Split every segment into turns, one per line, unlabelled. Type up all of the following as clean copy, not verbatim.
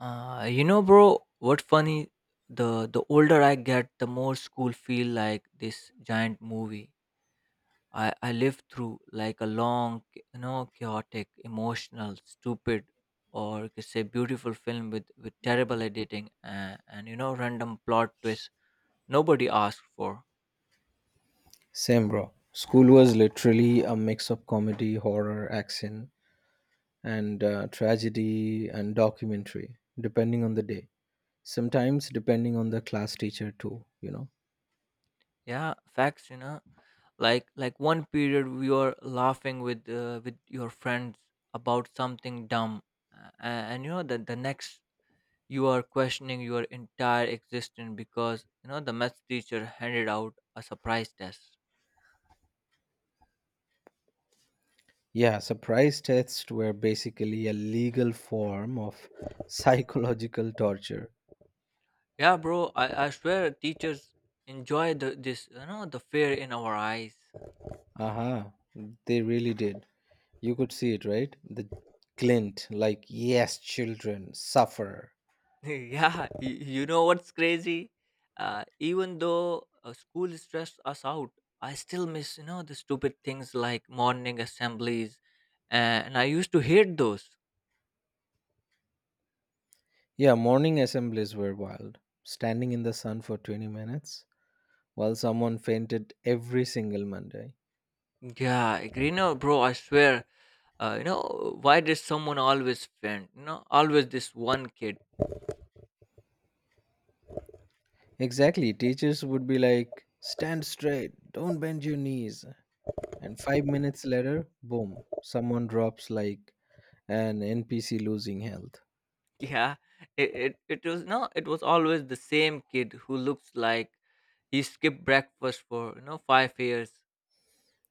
Bro, what funny? The older I get, the more school feel like this giant movie. I lived through like a long, chaotic, emotional, stupid, or you could say beautiful film with terrible editing and random plot twists nobody asked for.
Same, bro. School was literally a mix of comedy, horror, action, and tragedy and documentary, depending on the day. Sometimes depending on the class teacher, too, you know.
Yeah, facts. Like one period we were laughing with your friends about something dumb, and the next you are questioning your entire existence because you know the math teacher handed out a surprise test.
Yeah, surprise tests were basically a legal form of psychological torture.
Yeah, bro, I swear teachers enjoy the this you know the fear in our eyes.
Aha, they really did. You could see it, right? The glint, like, yes, children, suffer.
Yeah, you know what's crazy. Even though school stressed us out, I still miss you know the stupid things like morning assemblies, and I used to hate those.
Yeah, morning assemblies were wild. Standing in the sun for 20 minutes while someone fainted every single Monday.
Yeah, agree. No, bro, I swear, why did someone always friend? You know, always this one kid.
Exactly, teachers would be like, stand straight, don't bend your knees. And 5 minutes later, boom, someone drops like an NPC losing health.
Yeah, it was no, it was always the same kid who looks like he skipped breakfast for you know 5 years.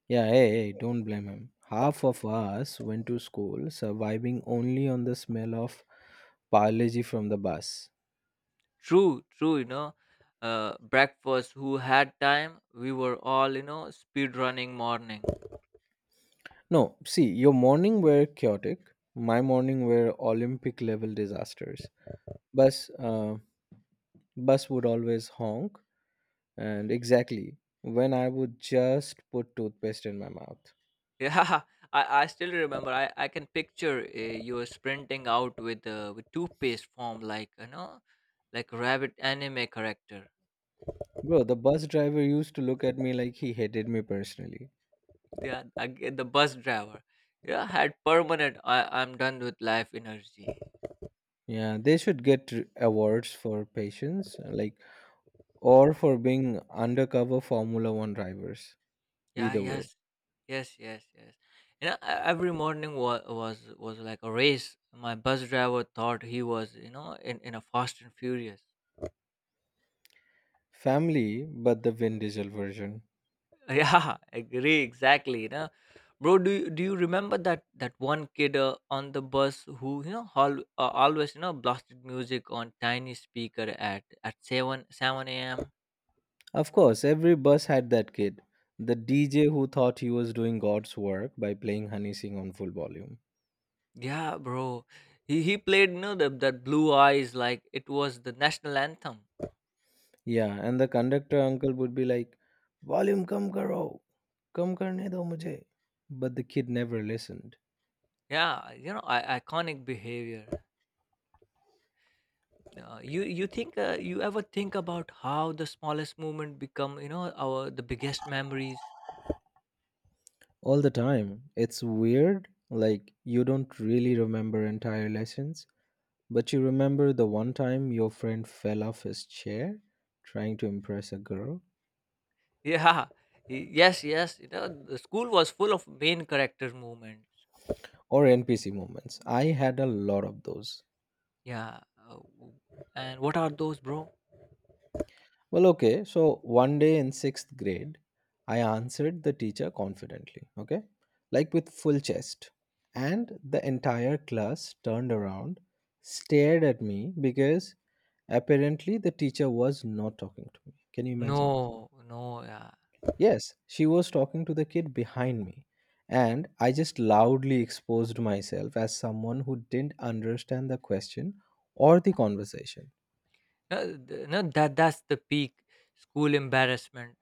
Yeah, hey, hey, don't blame him. Half of us went to school surviving only on the smell of biology from the bus.
True, true. You know, breakfast. Who had time? We were all you know speed running morning.
No, see, your morning were chaotic. My morning were Olympic level disasters. Bus, uh, bus would always honk, and exactly when I would just put toothpaste in my mouth.
Yeah, I still remember. I can picture you were sprinting out with toothpaste form like like rabbit anime character.
Bro, the bus driver used to look at me like he hated me personally.
Yeah, the bus driver. Yeah, had permanent. I'm done with life energy.
Yeah, they should get awards for patience, like, or for being undercover Formula One drivers.
Yeah.
Either way,
Yes. Yes. Yes. Yes. You know, every morning was like a race. My bus driver thought he was you know in a Fast and Furious.
family, but the Vin Diesel version.
Yeah, agree exactly. You know, bro, do you remember that one kid on the bus who you know always you know blasted music on tiny speaker at seven a.m.
Of course, every bus had that kid, the DJ who thought he was doing God's work by playing Honey Singh on full volume.
Yeah, bro, he played that blue eyes like it was the national anthem.
Yeah, and the conductor uncle would be like, "Volume kam karo, kam karne do mujhe." But the kid never listened.
Yeah, you know iconic behavior. You ever think about how the smallest moment become you know our the biggest memories?
All the time. It's weird. Like you don't really remember entire lessons, but you remember the one time your friend fell off his chair trying to impress a girl
Yeah. Yes, yes. You know, the school was full of main character moments.
or NPC moments. I had a lot of those.
Yeah. And what are those, bro?
Well, okay. So one day in sixth grade, I answered the teacher confidently, okay? Like with full chest. And the entire class turned around, stared at me because apparently the teacher was not talking to me. Can you imagine?
No, no, yeah.
Yes, she was talking to the kid behind me. And I just loudly exposed myself as someone who didn't understand the question or the conversation.
No, that that's the peak school embarrassment.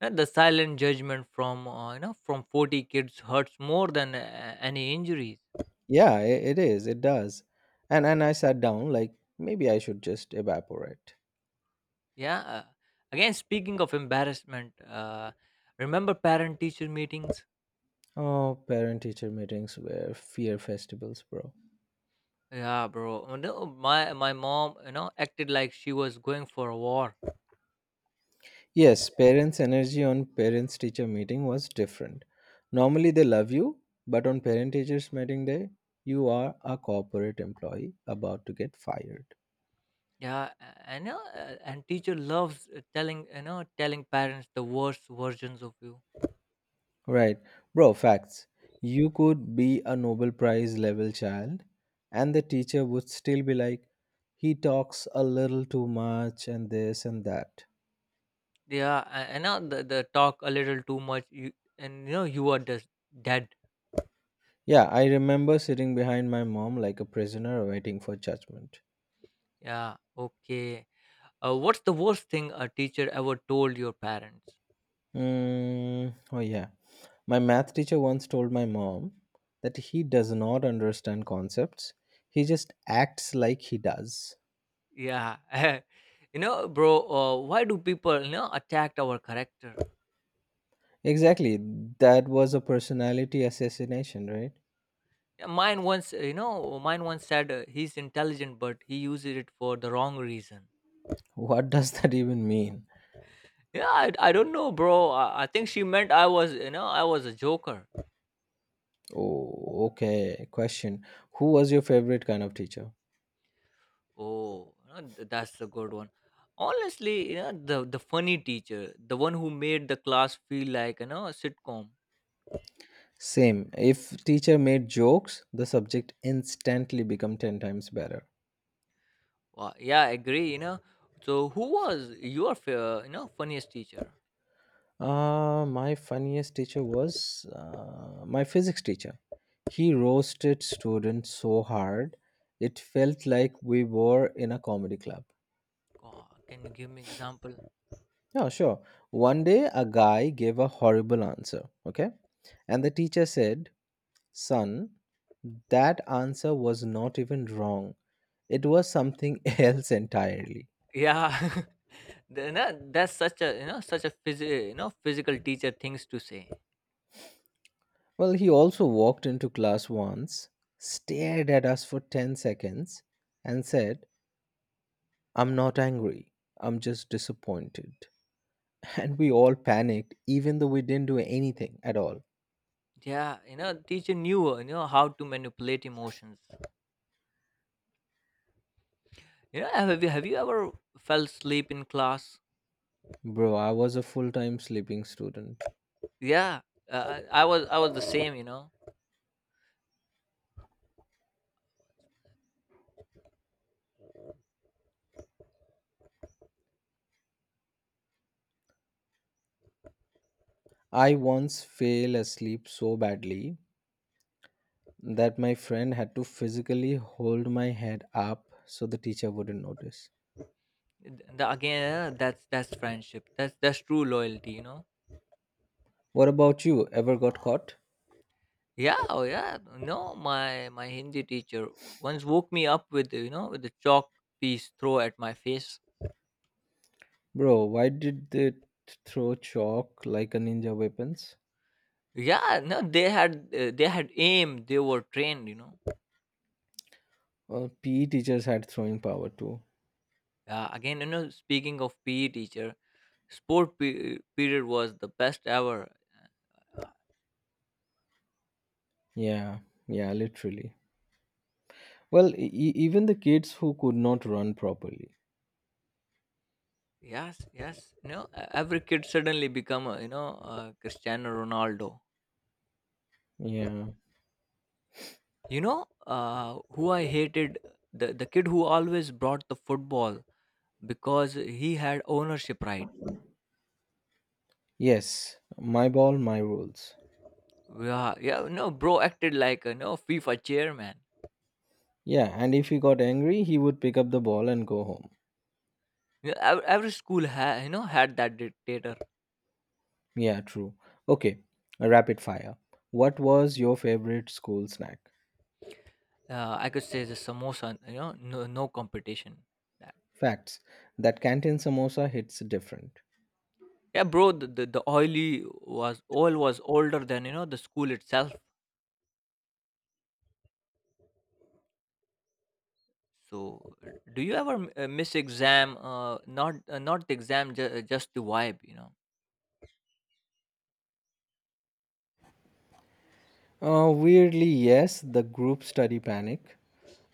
No, the silent judgment from from 40 kids hurts more than any injuries.
Yeah, it is. It does. And I sat down like maybe I should just evaporate.
Yeah. Again, speaking of embarrassment, remember parent-teacher meetings?
Oh, parent teacher meetings were fear festivals, bro.
Yeah, bro. Oh, no, my mom, you know, acted like she was going for a war.
Yes, parents' energy on parents teacher meeting was different. Normally they love you, but on parent teachers meeting day, you are a corporate employee about to get fired.
Yeah, and teacher loves telling you know telling parents the worst versions of you.
Right. Bro, facts. You could be a Nobel Prize level child, and the teacher would still be like, he talks a little too much, and this and that.
Yeah, and now the talk a little too much, you, and you know you are just dead.
Yeah, I remember sitting behind my mom like a prisoner waiting for judgment.
Yeah, okay. What's the worst thing a teacher ever told your parents?
Mm, oh, yeah. My math teacher once told my mom that he does not understand concepts, he just acts like he does.
Yeah, you know, bro. Why do people you know attack our character?
Exactly. That was a personality assassination, right?
Yeah, mine once, mine once said he's intelligent, but he uses it for the wrong reason.
What does that even mean?
Yeah, I don't know, bro. I think she meant I was, you know, I was a joker.
Oh, okay. Question. Who was your favorite kind of teacher?
Oh, that's a good one. Honestly, you know the funny teacher, the one who made the class feel like you know a sitcom.
Same. If teacher made jokes, the subject instantly become 10 times better.
Wow, yeah, I agree. You know, so who was your you know funniest teacher?
My funniest teacher was my physics teacher. He roasted students so hard, it felt like we were in a comedy club.
God, can you give me example?
Yeah, sure. One day, a guy gave a horrible answer, okay? And the teacher said, "Son, that answer was not even wrong. It was something else entirely."
Yeah, the- na- that's such a you know such a you know physical teacher things to say.
Well, he also walked into class once, stared at us for 10 seconds, and said, "I'm not angry, I'm just disappointed." And we all panicked, even though we didn't do anything at all.
Yeah, you know teacher knew you know how to manipulate emotions. You know, have you ever fell asleep in class?
Bro, I was a full time sleeping student.
Yeah, I was I was the same you know
I once fell asleep so badly that my friend had to physically hold my head up so the teacher wouldn't notice.
the, again that's friendship that's true loyalty you know.
What about you? Ever got caught?
Yeah, oh yeah, no my hindi teacher once woke me up with you know with a chalk piece throw at my face.
Bro, why did they throw chalk like a ninja weapons?
Yeah, no they had they had aim, they were trained you know.
Well, PE teachers had throwing power too.
Again, you know, speaking of pe teacher, sport period was the best ever.
Yeah, yeah, literally. Well, even the kids who could not run properly.
Yes, yes, you know, every kid suddenly become a, you know a cristiano ronaldo.
Yeah.
You know who I hated, the kid who always brought the football because he had ownership right.
Yes, my ball, my rules.
Yeah, yeah, no bro acted like a no fifa chairman.
Yeah, and if he got angry, he would pick up the ball and go home.
Yeah, every school you know had that dictator.
Yeah, true. Okay, a rapid fire. What was your favorite school snack?
I could say the samosa, you know, no, no competition that.
Facts. That canteen samosa hits different.
Yeah, bro, the oily was oil was older than you know the school itself. So, do you ever miss exam? Not not the exam, just the vibe, you know.
Weirdly, yes, the group study panic,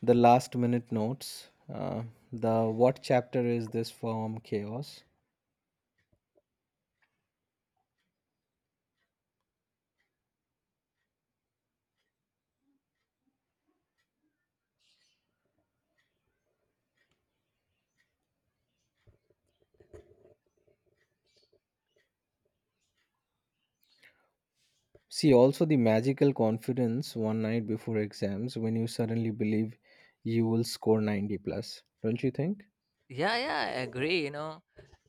the last minute notes, uh, the what chapter is this from chaos. See also the magical confidence one night before exams when you suddenly believe you will score 90 plus. Don't you think?
Yeah, yeah, I agree. You know,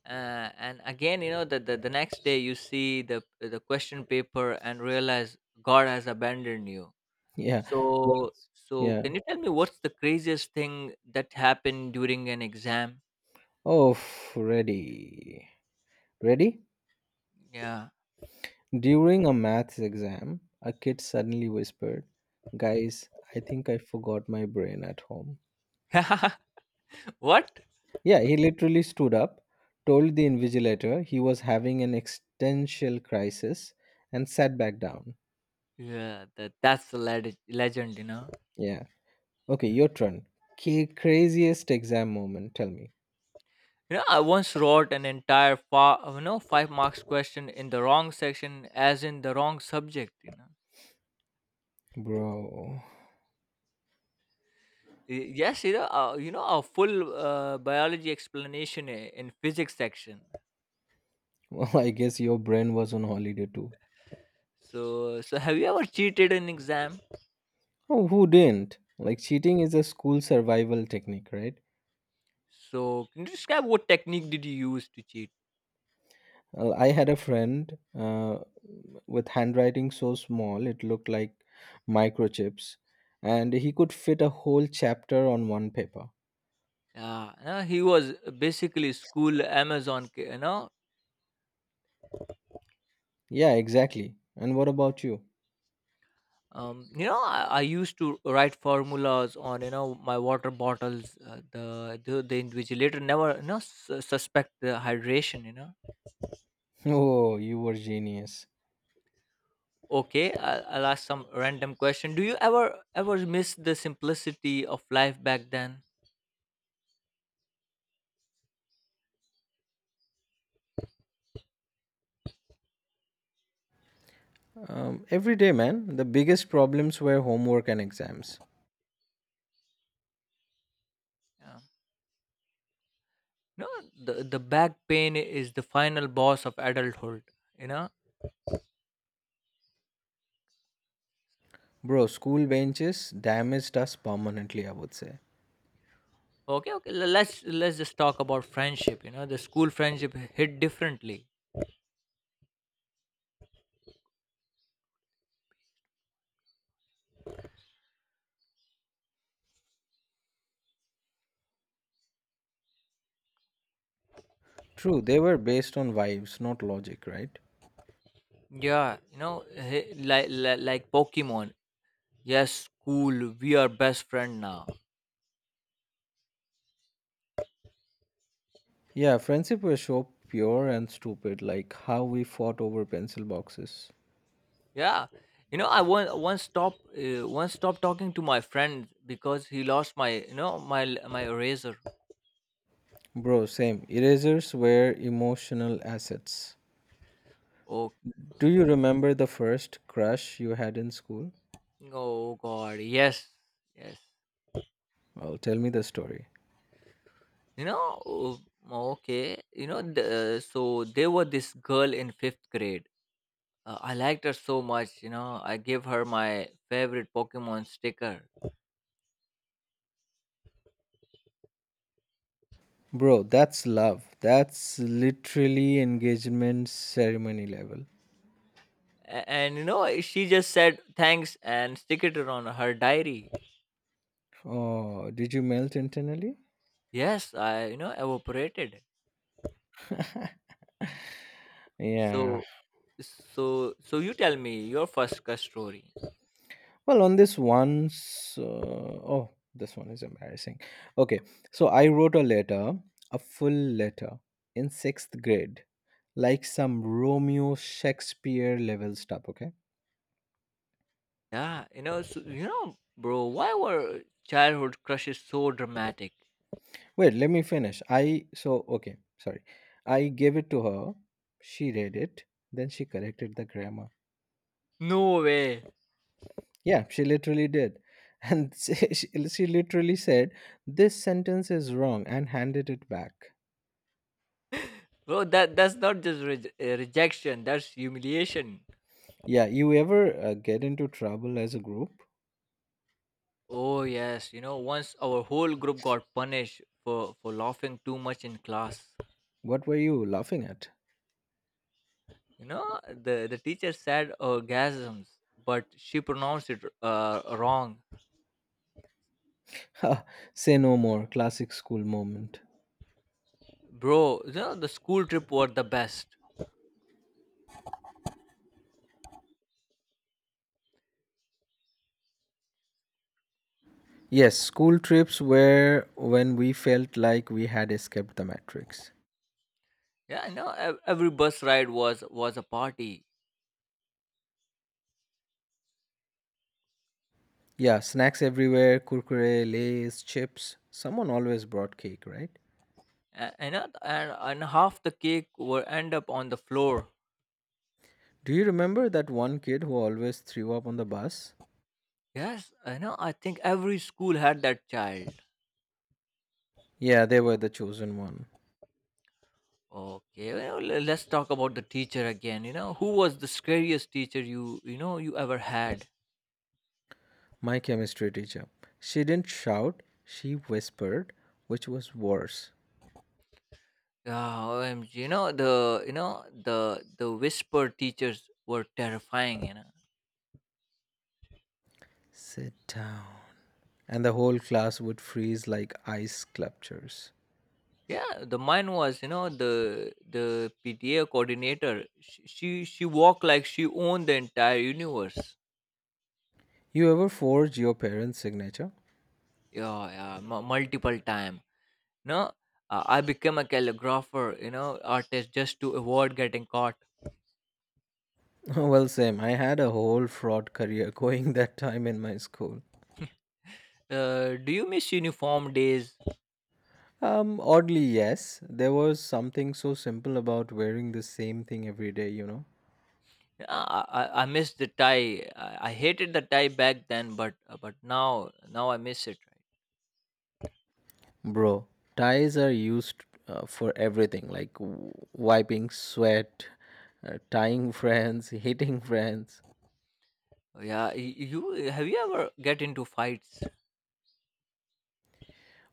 and again, you know, the next day you see the question paper and realize God has abandoned you.
Yeah.
So
Once,
so
yeah.
can you tell me what's the craziest thing that happened during an exam?
Oh, ready. Ready?
Yeah.
During a maths exam, a kid suddenly whispered, "Guys, I think I forgot my brain at home."
What?
Yeah, he literally stood up, told the invigilator he was having an existential crisis, and sat back down.
Yeah, that that's the legend, you know.
Yeah. Okay, your turn. Craziest exam moment, tell me.
You know, I once wrote an entire you know, five marks question in the wrong section, as in the wrong subject. You know,
Bro.
Yes, you know, a full biology explanation in physics section.
Well, I guess your brain was on holiday too.
So, so have you ever cheated in exam?
Oh, who didn't? Like, cheating is a school survival technique, right?
So, can you describe what technique did you use to cheat?
Well, I had a friend uh, with handwriting so small it looked like microchips, and he could fit a whole chapter on one paper.
Yeah, no, he was basically school Amazon.
Yeah, exactly. And what about you?
You know, I used to write formulas on you know my water bottles. The invigilator never you know suspect the hydration. You know,
Oh, you were genius.
okay, I'll ask some random question. Do you ever miss the simplicity of life back then?
Every day, man, the biggest problems were homework and exams.
Yeah. No, the back pain is the final boss of adulthood. You know.
Bro, school benches damaged us permanently, I would say.
Okay, okay. Let's just talk about friendship. You know, the school friendship hit differently.
True, they were based on vibes, not logic, right?
Yeah, you know, like Pokemon. Yes, cool. We are best friend now.
Yeah, friendship was so pure and stupid, like how we fought over pencil boxes.
Yeah, you know, I once once stopped talking to my friend because he lost my you know my eraser.
Bro, same. Erasers were emotional assets.
Oh,
Do you remember the first crush you had in school?
oh God. Yes, yes.
Well, tell me the story.
You know, oh, okay. You know, the, so there was this girl in fifth grade. I liked her so much. You know, I gave her my favorite Pokemon sticker.
Bro, that's love. That's literally engagement ceremony level.
And you know she just said thanks and stick it on her diary.
Oh, did you melt internally?
Yes, I you know evaporated.
Yeah.
So so you tell me your first crush story.
Well, on this one's, oh, this one is embarrassing. Okay, so I wrote a letter, a full letter, in sixth grade, like some Romeo Shakespeare level stuff. Okay,
Yeah, you know you know bro why were childhood crushes so dramatic.
wait, let me finish. I so okay, sorry. I gave it to her. She read it. Then she corrected the grammar.
No way.
Yeah, she literally did. And she literally said, "This sentence is wrong," and handed it back.
Bro, that that's not just rejection, that's humiliation.
Yeah, you ever get into trouble as a group?
Oh yes, you know, once our whole group got punished for laughing too much in class.
What were you laughing at?
You know, the teacher said orgasms, but she pronounced it wrong.
Ha, say no more, classic school moment.
Bro, you know, the school trip were the best.
Yes, school trips were when we felt like we had escaped the matrix.
Yeah, you know, every bus ride was a party.
Yeah, snacks everywhere, kurkure, lays, chips. Someone always brought cake, right?
And half the cake will end up on the floor.
Do you remember that one kid who always threw up on the bus?
Yes, I know. I think every school had that child.
Yeah, they were the chosen one.
Okay, well, let's talk about the teacher again. You know, who was the scariest teacher you ever had?
My chemistry teacher. She didn't shout, she whispered, which was worse.
Oh, OMG, you know the whisper teachers were terrifying. You know,
Sit down. And the whole class would freeze like ice sculptures.
yeah, the mine was. You know the PTA coordinator. She walked like she owned the entire universe.
You ever forge your parents' signature?
Yeah, yeah, multiple time. No, I became a calligrapher. You know, artist just to avoid getting caught.
Well, same. I had a whole fraud career going that time in my school.
Do you miss uniform days?
Oddly, yes. There was something so simple about wearing the same thing every day, you know.
Yeah, I miss the tie. I hated the tie back then, but now now I miss it. Right?
Bro, ties are used for everything like wiping sweat, tying friends, hitting friends.
Oh, yeah, you have you ever get into fights?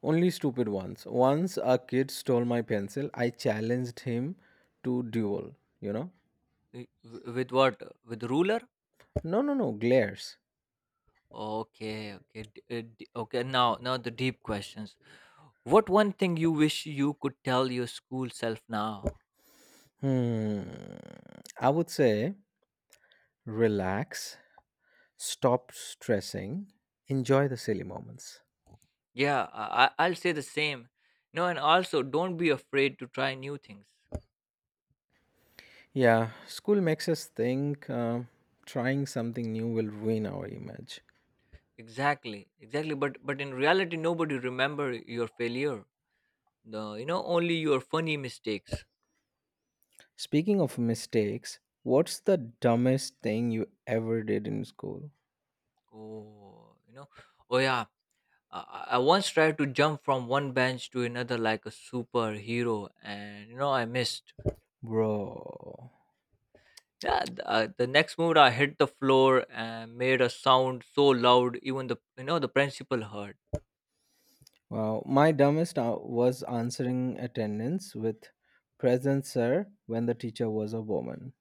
Only stupid ones. Once a kid stole my pencil, I challenged him to duel, you know?
With what, with ruler?
No, no, no, glares.
Okay, okay, okay. Now now the deep questions. What one thing you wish you could tell your school self now?
Hmm. I would say relax, stop stressing, enjoy the silly moments.
Yeah, I'll say the same. No, and also don't be afraid to try new things.
Yeah, school makes us think trying something new will ruin our image.
Exactly, exactly. But in reality, nobody remember your failure the you know only your funny mistakes.
Speaking of mistakes, what's the dumbest thing you ever did in school?
Oh you know, oh yeah, I, I once tried to jump from one bench to another like a superhero and you know I missed.
Bro.
Yeah, the next move I hit the floor and made a sound so loud even the you know the principal heard.
Well, my dumbest was answering attendance with present sir when the teacher was a woman.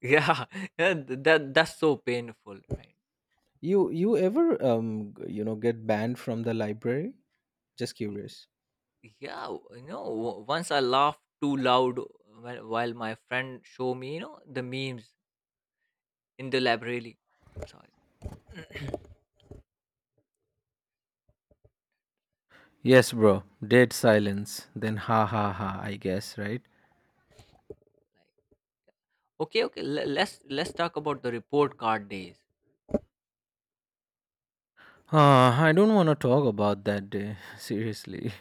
Yeah, yeah that that's so painful right.
You ever get banned from the library? Just curious.
Yeah, once I laughed too loud while my friend show me you know the memes in the library. Sorry.
Yes, bro. Dead silence. Then ha ha ha, I guess, right?
Like, okay, okay. Let's talk about the report card days.
Ah, I don't want to talk about that day, seriously.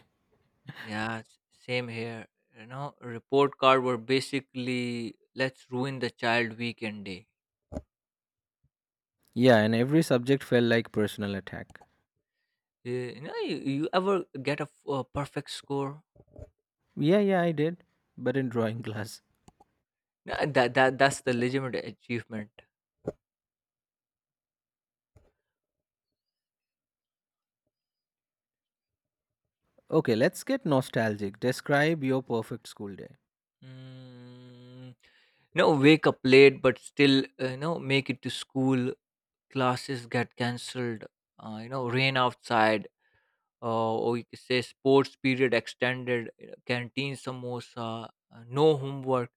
Yeah, same here. You know, report card were basically let's ruin the child weekend day.
Yeah, and every subject felt like personal attack.
Yeah, you know, you ever get a, a perfect score?
Yeah, yeah, I did, but in drawing class.
Yeah, that that's the legitimate achievement.
Okay, let's get nostalgic. Describe your perfect school day.
Mm, no, wake up late, but still, you know, make it to school. Classes get cancelled. You know, rain outside. We say sports period extended, canteen samosa, no homework,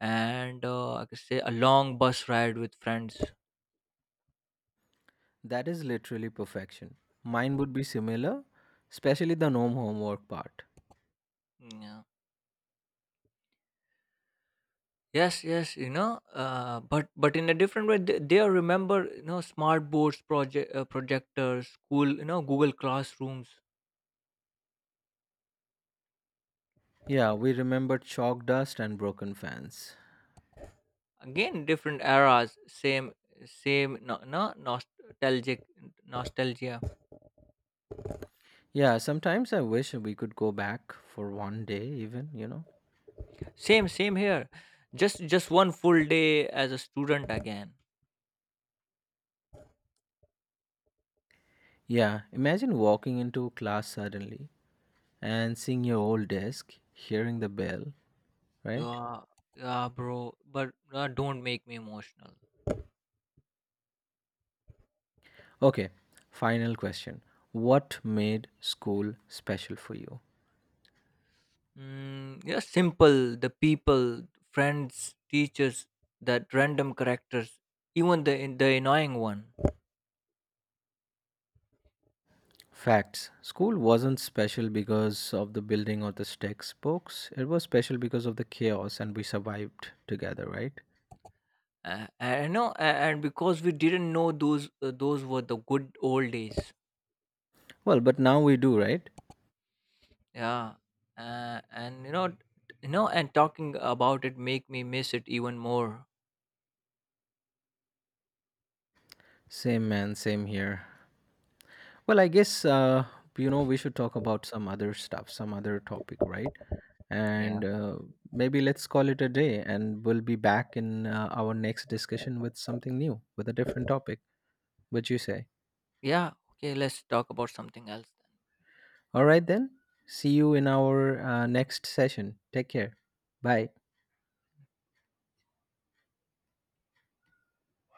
and I could say a long bus ride with friends.
That is literally perfection. Mine would be similar, especially the no homework part.
Mm, yeah. Yes, yes, you know, but in a different way, they are remember you know smart boards, projectors, school, you know, Google classrooms.
Yeah, we remembered chalk dust and broken fans.
Again, different eras, same same no, no nostalgic nostalgia.
Yeah, sometimes I wish we could go back for one day, even, you know.
Same same here. Just one full day as a student again.
Yeah, imagine walking into class suddenly and seeing your old desk, hearing the bell, right?
Yeah, yeah, bro. But don't make me emotional.
Okay, final question. What made school special for you?
Mm, yeah, simple. The people, friends, teachers, that random characters, even the annoying one.
Facts. School wasn't special because of the building or the textbooks. It was special because of the chaos and we survived together, right?
I know, and because we didn't know those were the good old days.
Well, but now we do, right?
Yeah, and you know, t- you know, and talking about it make me miss it even more.
Same man, same here. Well, I guess, we should talk about some other stuff, some other topic, right?
Yeah,
And maybe let's call it a day and we'll be back in our next discussion with something new, with a different topic. What you say?
yeah. Okay, let's talk about something else.
All right, then. See you in our next session. Take care. Bye.